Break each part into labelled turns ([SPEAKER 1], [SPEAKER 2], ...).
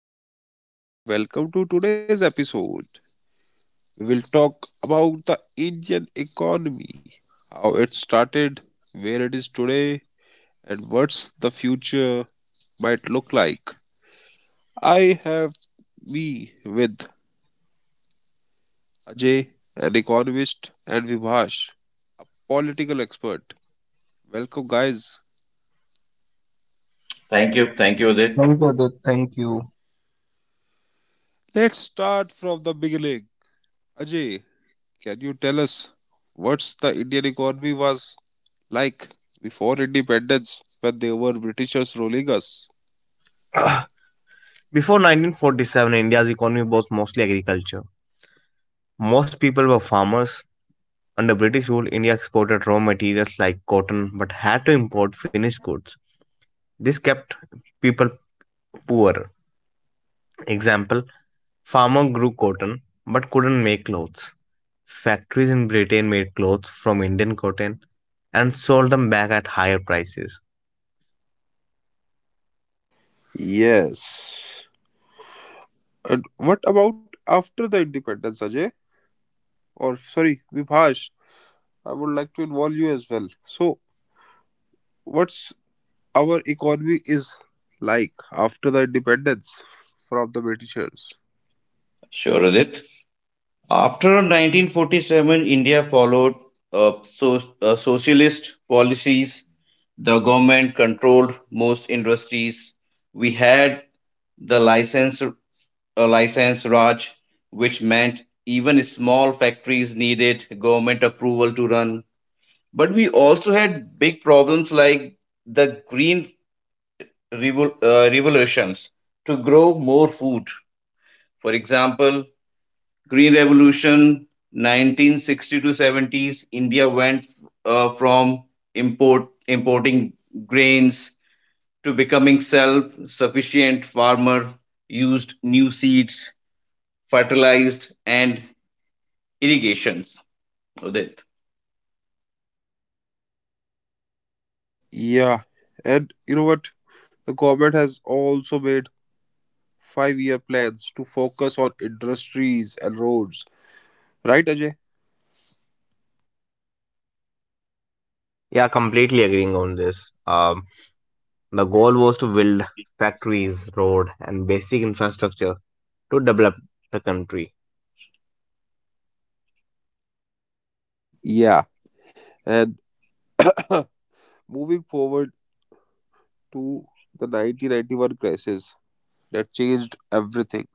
[SPEAKER 1] Hello everyone, welcome to today's episode. We will talk about the Indian economy, how it started, where it is today, and what's the future might look like. I have me with Ajay, an economist, and Vibhash, political expert. Welcome guys.
[SPEAKER 2] Thank you. Thank you, Udit.
[SPEAKER 3] None further. Thank you.
[SPEAKER 1] Let's start from the beginning. Ajay, can you tell us what's the Indian economy was like before independence when they were Britishers ruling us.
[SPEAKER 3] Before 1947, India's economy was mostly agriculture. Most people were farmers. Under British rule, India exported raw materials like cotton but had to import finished goods. This kept people poor. Example, farmer grew cotton but couldn't make clothes. Factories in Britain made clothes from Indian cotton and sold them back at higher prices.
[SPEAKER 1] Yes. And what about after the independence, Ajay? Or sorry, Vibhash, I would like to involve you as well. So, what's our economy is like after the independence from the Britishers?
[SPEAKER 2] Sure, Udit. After 1947, India followed socialist policies. The government controlled most industries. We had the license Raj, which meant even small factories needed government approval to run. But we also had big problems like the green revolutions to grow more food. For example, Green Revolution, 1960 to 70s, India went from importing grains to becoming self-sufficient farmer, used new seeds, fertilized, and irrigations. Udit.
[SPEAKER 1] Yeah, and you know what? The government has also made 5-year plans to focus on industries and roads. Right, Ajay?
[SPEAKER 3] Yeah, completely agreeing on this. The goal was to build factories, road, and basic infrastructure to develop the country.
[SPEAKER 1] Yeah. And moving forward to the 1991 crisis, that changed everything.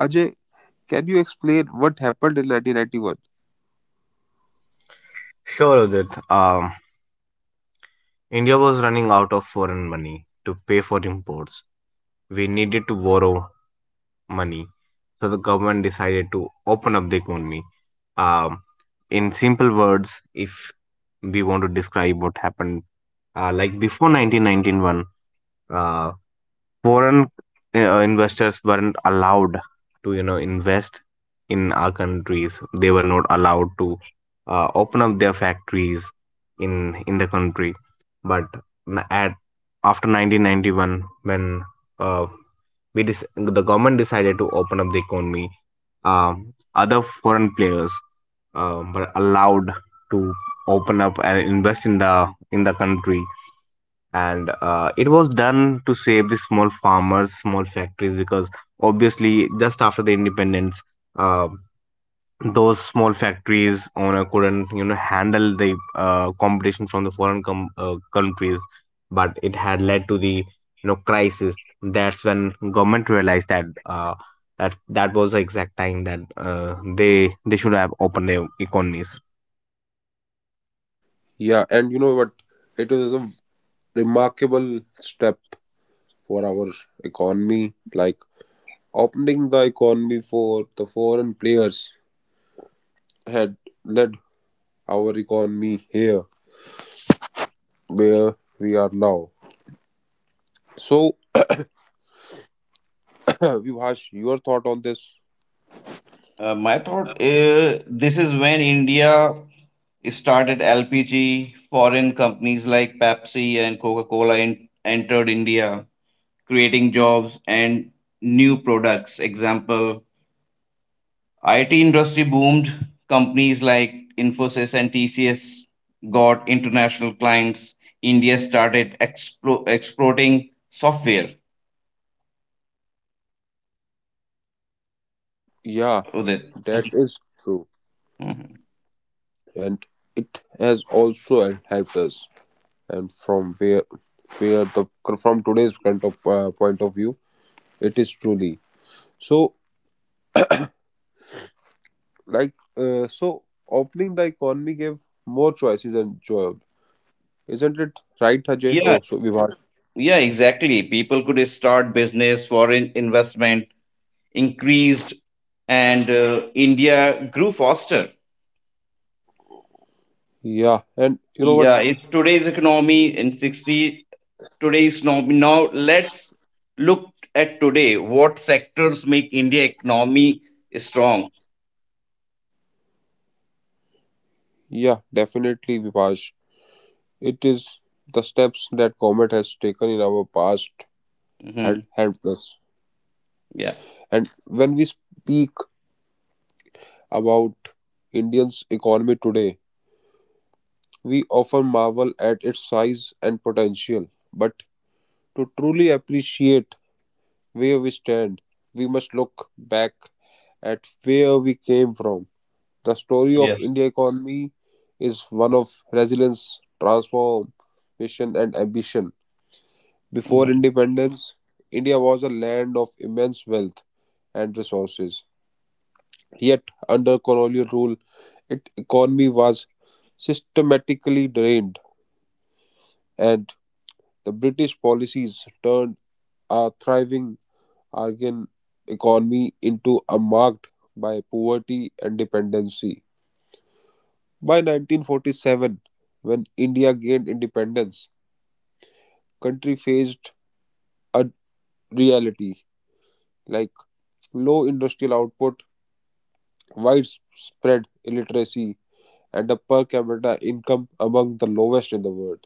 [SPEAKER 1] Ajay, can you explain what happened in 1991?
[SPEAKER 3] Sure, of that India was running out of foreign money to pay for imports. We needed to borrow money, so the government decided to open up the economy. Um, in simple words, if we want to describe what happened, like before 1991, uh, foreign investors weren't allowed to invest in our countries. They were not allowed to open up their factories in in the country. But n- at after 1991, when uh, the government decided to open up the economy. um, Other foreign players were allowed to open up and invest in the country. And it was done to save the small farmers, small factories, because obviously, just after the independence, uh, those small factories owner couldn't handle the competition from the countries. But it had led to the crisis. That's when government realized that that was the exact time that they should have opened their economies.
[SPEAKER 1] Yeah, and you know what? It was a remarkable step for our economy. Like opening the economy for the foreign players had led our economy here where we are now. So, Vibhash, your thought on this?
[SPEAKER 2] My thought, this is when India started LPG, foreign companies like Pepsi and Coca-Cola entered India, creating jobs and new products. Example, IT industry boomed. Companies like Infosys and TCS got international clients. India started exporting software.
[SPEAKER 1] Yeah,
[SPEAKER 2] Udit.
[SPEAKER 1] that is true,
[SPEAKER 2] Mhm.
[SPEAKER 1] and it has also helped us. And from where the from today's kind of point of view, it is truly so. So opening the economy gave more choices and job, isn't it, right, Ajay?
[SPEAKER 2] Yeah,
[SPEAKER 1] Oh, so Vivaj?
[SPEAKER 2] yeah, exactly. People could start business, foreign investment increased, and India grew faster.
[SPEAKER 1] Yeah, and you know what?
[SPEAKER 2] Yeah, it's today's economy in 60 today's now. Now let's look at today. What sectors make India economy strong?
[SPEAKER 1] Yeah, definitely, Vivaj. It is the steps that government has taken in our past
[SPEAKER 2] Hmm
[SPEAKER 1] had helped us.
[SPEAKER 2] Yeah.
[SPEAKER 1] And when we speak about Indians economy today, we often marvel at its size and potential, but to truly appreciate where we stand, we must look back at where we came from. The story of
[SPEAKER 2] Yes.
[SPEAKER 1] India economy is one of resilience, transformation, and ambition. Before
[SPEAKER 2] hmm
[SPEAKER 1] independence, India was a land of immense wealth and resources. Yet, under colonial rule, its economy was systematically drained, and the British policies turned a thriving Argan economy into a marked by poverty and dependency. By 1947, when India gained independence, country faced a reality like low industrial output, widespread illiteracy, and a per capita income among the lowest in the world.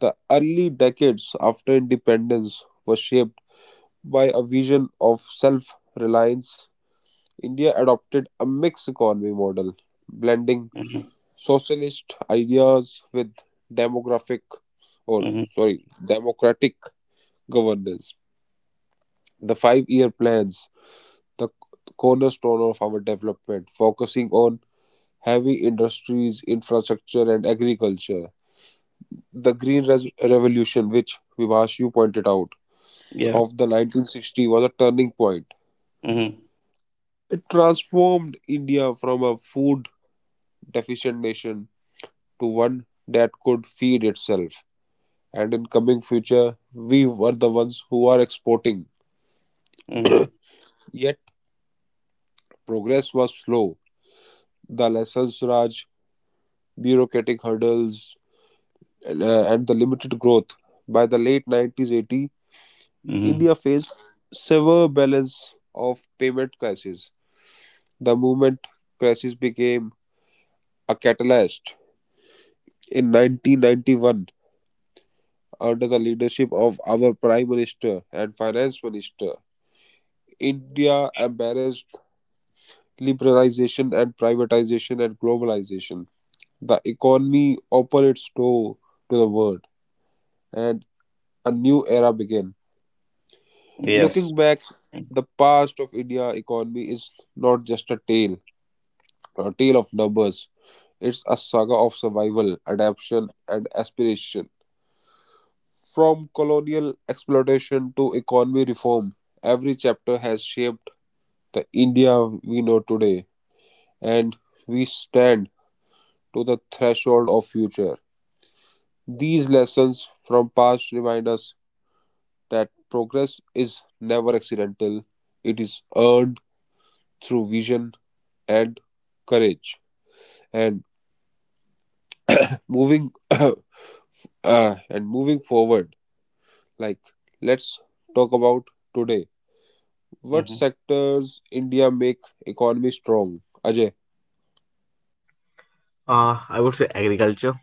[SPEAKER 1] The early decades after independence were shaped by a vision of self reliance. India adopted a mixed economy model, blending
[SPEAKER 2] hmm
[SPEAKER 1] socialist ideas with demographic
[SPEAKER 2] hmm
[SPEAKER 1] democratic governance. The 5-year plans, the cornerstone of our development, focusing on heavy industries, infrastructure, and agriculture. The Green Revolution, which Vivash pointed out,
[SPEAKER 2] Yeah.
[SPEAKER 1] of the 1960s was a turning point.
[SPEAKER 2] hmm
[SPEAKER 1] It transformed India from a food deficient nation to one that could feed itself. And in coming future, we were the ones who are exporting.
[SPEAKER 2] hmm
[SPEAKER 1] Yet progress was slow. The lessons, Raj, bureaucratic hurdles, and the limited growth. By the late 90s 80,
[SPEAKER 2] hmm
[SPEAKER 1] India faced severe balance of payment crisis. The movement crisis became a catalyst. In 1991, under the leadership of our Prime Minister and Finance Minister, India embraced liberalization and privatization and globalization. The economy opened its door to the world, and a new era began.
[SPEAKER 2] Yes.
[SPEAKER 1] Looking back, the past of India economy is not just a tale of numbers. It's a saga of survival, adaptation, and aspiration. From colonial exploitation to economy reform, every chapter has shaped the India we know today, and we stand to the threshold of future. These lessons from past remind us that progress is never accidental. It is earned through vision and courage. And moving uh, and moving forward, like let's talk about today. What
[SPEAKER 2] hmm
[SPEAKER 1] sectors India make economy strong, Ajay?
[SPEAKER 3] I would say agriculture.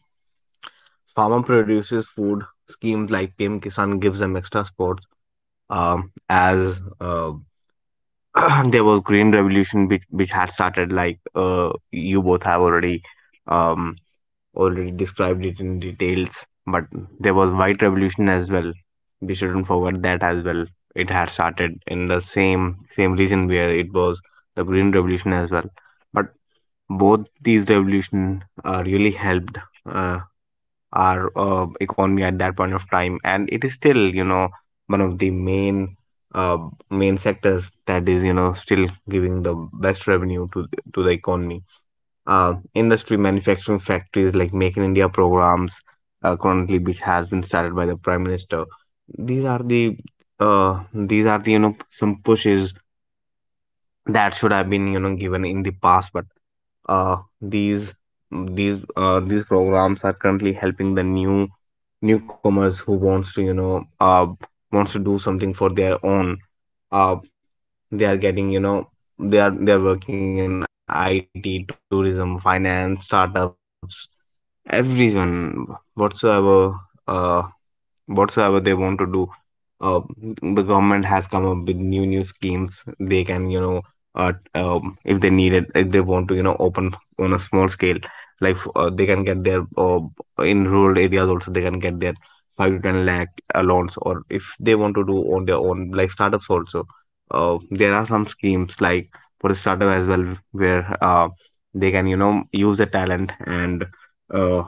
[SPEAKER 3] Farmer produces food. Schemes like PM Kisan gives them extra supports. As There was green revolution which had started. Like, you both have already um, already described it in details. But there was white revolution as well. We shouldn't forget that as well. It had started in the same region where it was the green revolution as well. But both these revolution really helped uh, our economy at that point of time. And it is still, one of the uh, main sectors that is, still giving the best revenue to the economy. Industry, manufacturing, factories like Make in India programs, currently, which has been started by the prime minister. These are the uh, these are the, some pushes that should have been, given in the past. But uh, these these programs are currently helping the newcomers who wants to do something for their own. uh they are getting, they are working in IT, tourism, finance, startups, everyone, whatsoever, uh whatsoever they want to do. uh, the government has come up with new schemes. They can, uh, if they need it, if they want to, open on a small scale. They can get their, in rural areas also, they can get their 5 to 10 lakh loans. Or if they want to do on their own, like startups also, there are some schemes like for a startup as well, where they can, use the talent and uh,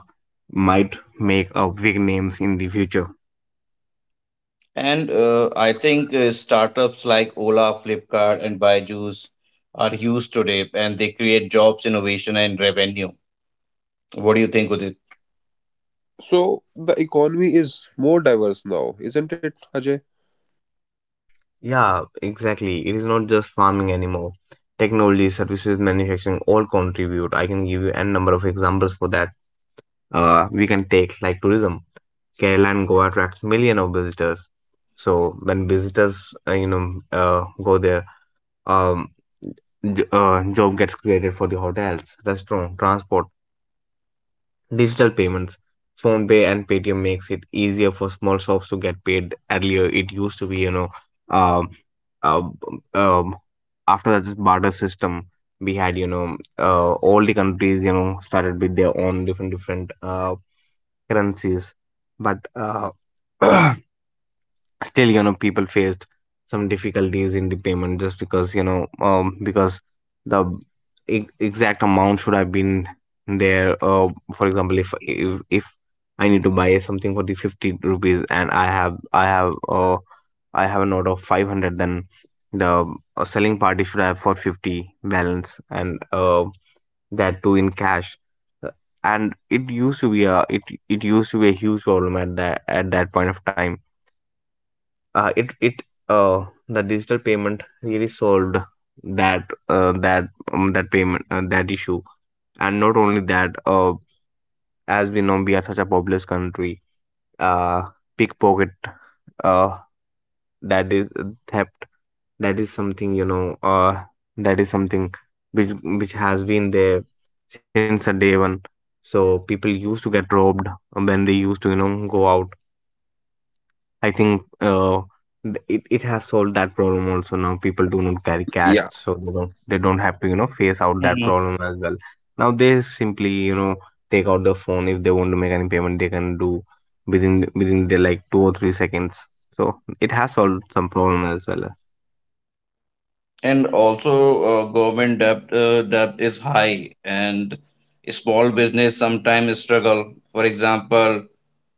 [SPEAKER 3] might make up big names in the future.
[SPEAKER 2] And I think startups like Ola, Flipkart, and Byju's are huge today, and they create jobs, innovation, and revenue. What do you think,
[SPEAKER 1] So the economy is more diverse now, isn't it, Ajay?
[SPEAKER 3] Yeah, exactly. It is not just farming anymore. Technology, services, manufacturing all contribute. I can give you n number of examples for that. We can take, like, tourism. Kerala and Goa attracts million of visitors. So when visitors, go there, um, job gets created for the hotels, restaurant, transport. Digital payments, PhonePe and Paytm makes it easier for small shops to get paid. Earlier, it used to be, um, um, um, after this barter system, we had, all the countries, started with their own different currencies. But still, people faced some difficulties in the payment, just because, because the exact amount should have been there. For example, if I need to buy something for the 50 rupees, and I have a note of 500. Then the, selling party should have for 50 balance, and that too, in cash. Uh, and it used to be a, it used to be a huge problem at that point of time. Uh, it it uh, the digital payment really solved that issue. And not only that, as we know, we are such a populous country. uh, Pickpocket, uh, that is, theft. That is something, that is something which has been there since the day one. So people used to get robbed when they used to, go out. I think it has solved that problem also now. People do not carry cash,
[SPEAKER 1] Yeah.
[SPEAKER 3] so, they don't have to, face out that
[SPEAKER 2] Udit?
[SPEAKER 3] problem as well. Now they simply, take out the phone. If they want to make any payment, they can do within the, like, 2 or 3 seconds. So it has solved some problem as well.
[SPEAKER 2] And also, government debt is high, and small business sometimes struggle. For example,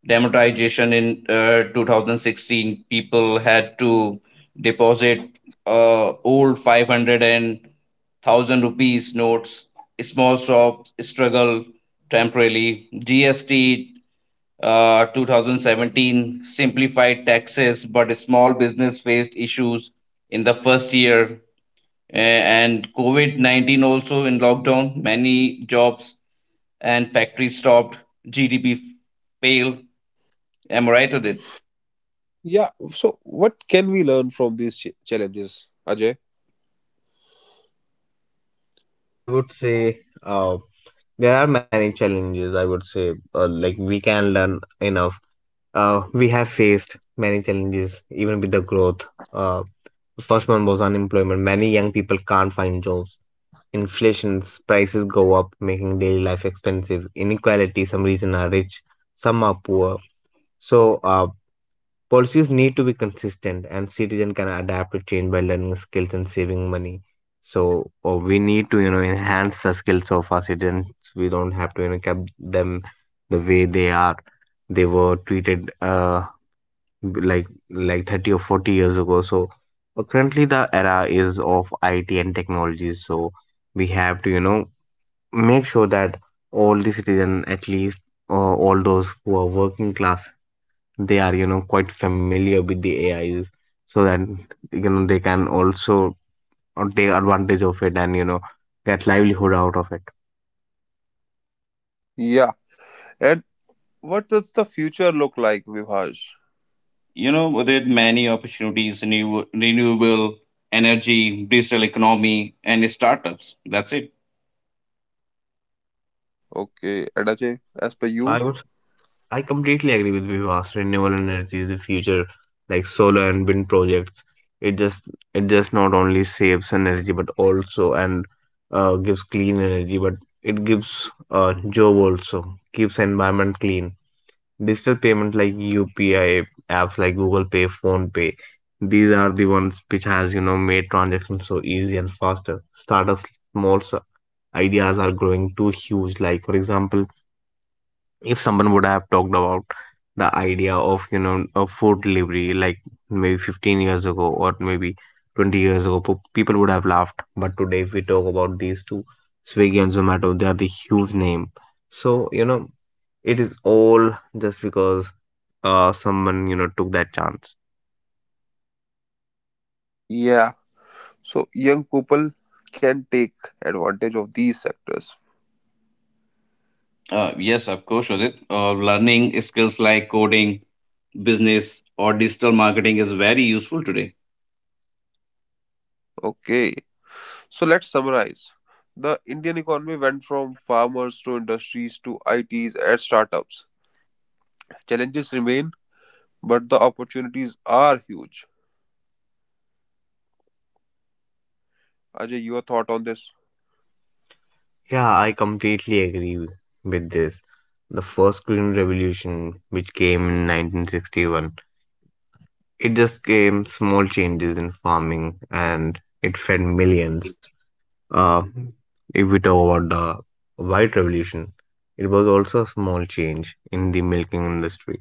[SPEAKER 2] demonetization in 2016, people had to deposit old 500 and 1000 rupees notes. Small shops struggle temporarily. GST, 2017, simplified taxes, but small business faced issues in the first year, and COVID 19 also in lockdown, many jobs and factories stopped, GDP failed. Am I right with it?
[SPEAKER 1] Yeah. So what can we learn from these challenges, Ajay?
[SPEAKER 3] Uh, I would say, there are many challenges. I would say like we can learn in our we have faced many challenges, even with the growth. Uh, the first one was unemployment. Many young people can't find jobs. Inflations, prices go up, making daily life expensive. Inequality, some regions are rich, some are poor. So, policies need to be consistent, and citizens can adapt to change by learning skills and saving money. So, we need to, enhance the skills of our citizens. We don't have to, keep them the way they are. They were treated, like 30 or 40 years ago. So, currently the era is of IT and technologies. So we have to, make sure that all the citizen, at least uh, all those who are working class, they are, quite familiar with the AIs, so that, they can also, take advantage of it and, get livelihood out of it.
[SPEAKER 1] Yeah. And, what does the future look like, Vibhash?
[SPEAKER 2] You know, with it, many opportunities, new renewable energy, digital economy, and startups. That's it.
[SPEAKER 1] Okay, and Ajay, as per you?
[SPEAKER 3] I would I completely agree with Vikas. Renewable energy is the future, like solar and wind projects. It just it just not only saves energy, but also, and gives clean energy. But it gives, job also, keeps environment clean. Digital payment like UPI apps like Google Pay, Phone Pay, these are the ones which has, made transactions so easy and faster. Startups, small s- ideas are growing too huge. Like for example, if someone would have talked about the idea of, a food delivery, like maybe 15 years ago, or maybe 20 years ago, people would have laughed. But today, if we talk about these two, Swiggy and Zomato, they are the huge name. So, it is all just because someone, took that chance.
[SPEAKER 1] Yeah, so young people can take advantage of these sectors.
[SPEAKER 2] Yes, of course, Udit. Learning skills like coding, business, or digital marketing is very useful today.
[SPEAKER 1] Okay, so let's summarize. The Indian economy went from farmers to industries to ITs and startups. Challenges remain, but the opportunities are huge. Ajay, your thought on this?
[SPEAKER 3] Yeah, I completely agree with this. The first green revolution which came in 1961, it just came small changes in farming, and it fed millions. Uh, if we talk about the white revolution, it was also a small change in the milking industry,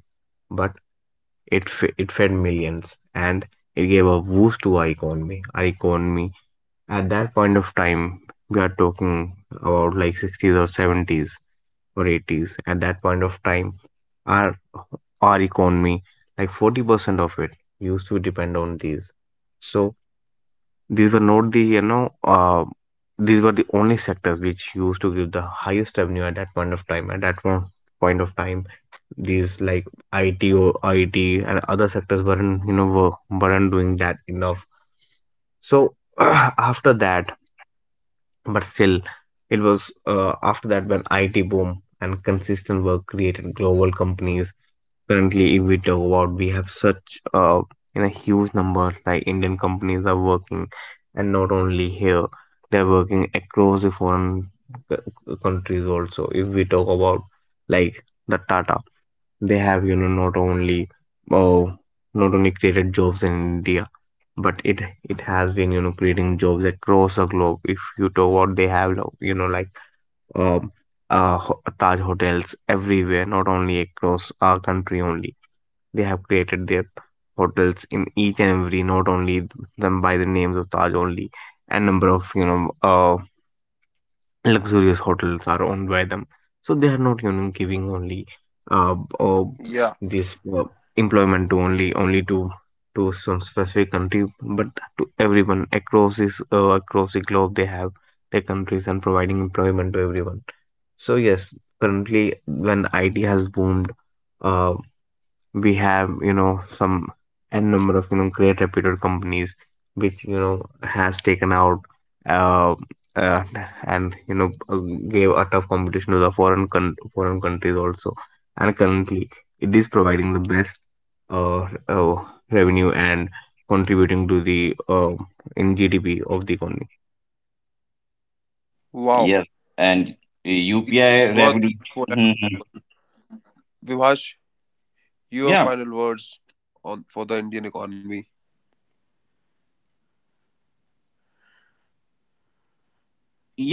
[SPEAKER 3] but it fed millions, and it gave a boost to our economy. Our economy at that point of time, we are talking about like 60s or 70s varieties. At that point of time, our our economy, like 40% of it used to depend on these. So these were not the, these were the only sectors which used to give the highest revenue at that point of time, at that one point of time. These like IT and other sectors weren't, doing that enough. So, after that, but still, it was, after that when IT boom and consistent work created global companies. Currently, if we talk about, we have such, in a huge numbers, like, Indian companies are working. And not only here, they're working across the countries also. If we talk about, like, the Tata, they have, not only, oh not only created jobs in India. But it has been, creating jobs across the globe. If you talk about, they have, you know like um Taj hotels everywhere. Not only across our country only, they have created their hotels in each and every. Not only them by the names of Taj only, and number of, luxurious hotels are owned by them. So they are not, giving only, uh, uh
[SPEAKER 1] Yeah.
[SPEAKER 3] this, employment to only, to some specific country. But to everyone across the globe. They have their countries and providing employment to everyone. So yes, currently, when it has boomed, uh we have, some n number of, great reputed companies which, has taken out, uh, uh, and you know gave a tough competition to the foreign countries also. And currently, it is providing the best, uh, uh, revenue, and contributing to the, in GDP of the economy.
[SPEAKER 1] Wow,
[SPEAKER 2] Yes, and UPI
[SPEAKER 1] these were
[SPEAKER 2] revolution.
[SPEAKER 1] thoughtful. And Vibhash, your
[SPEAKER 2] Yeah.
[SPEAKER 1] final words on for the Indian economy.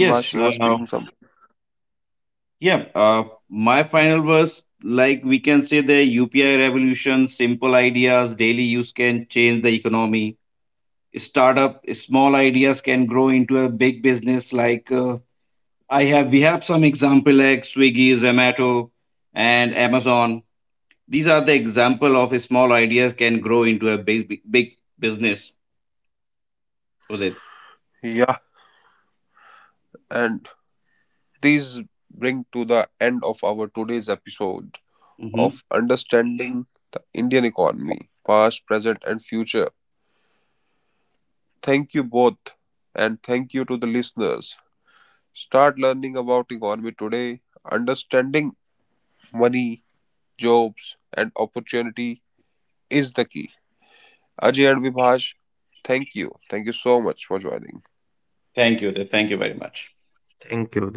[SPEAKER 1] Vibhash, you were speaking something.
[SPEAKER 2] Yeah, uh, my final was like we can say the UPI revolution, simple ideas, daily use can change the economy. Startup, small ideas can grow into a big business. Like we have some example like Swiggy, Zomato, and Amazon. These are the example of small ideas can grow into a big, big, big business. Udit.
[SPEAKER 1] Yeah, and these bring to the end of our today's episode
[SPEAKER 2] Hmm
[SPEAKER 1] of understanding the Indian economy, past, present, and future. Thank you both, and thank you to the listeners. Start learning about economy today. Understanding money, jobs, and opportunity is the key. Ajay and Vibhash, thank you. Thank you so much for joining.
[SPEAKER 2] Thank you. Udit. Thank you very much.
[SPEAKER 3] Thank you.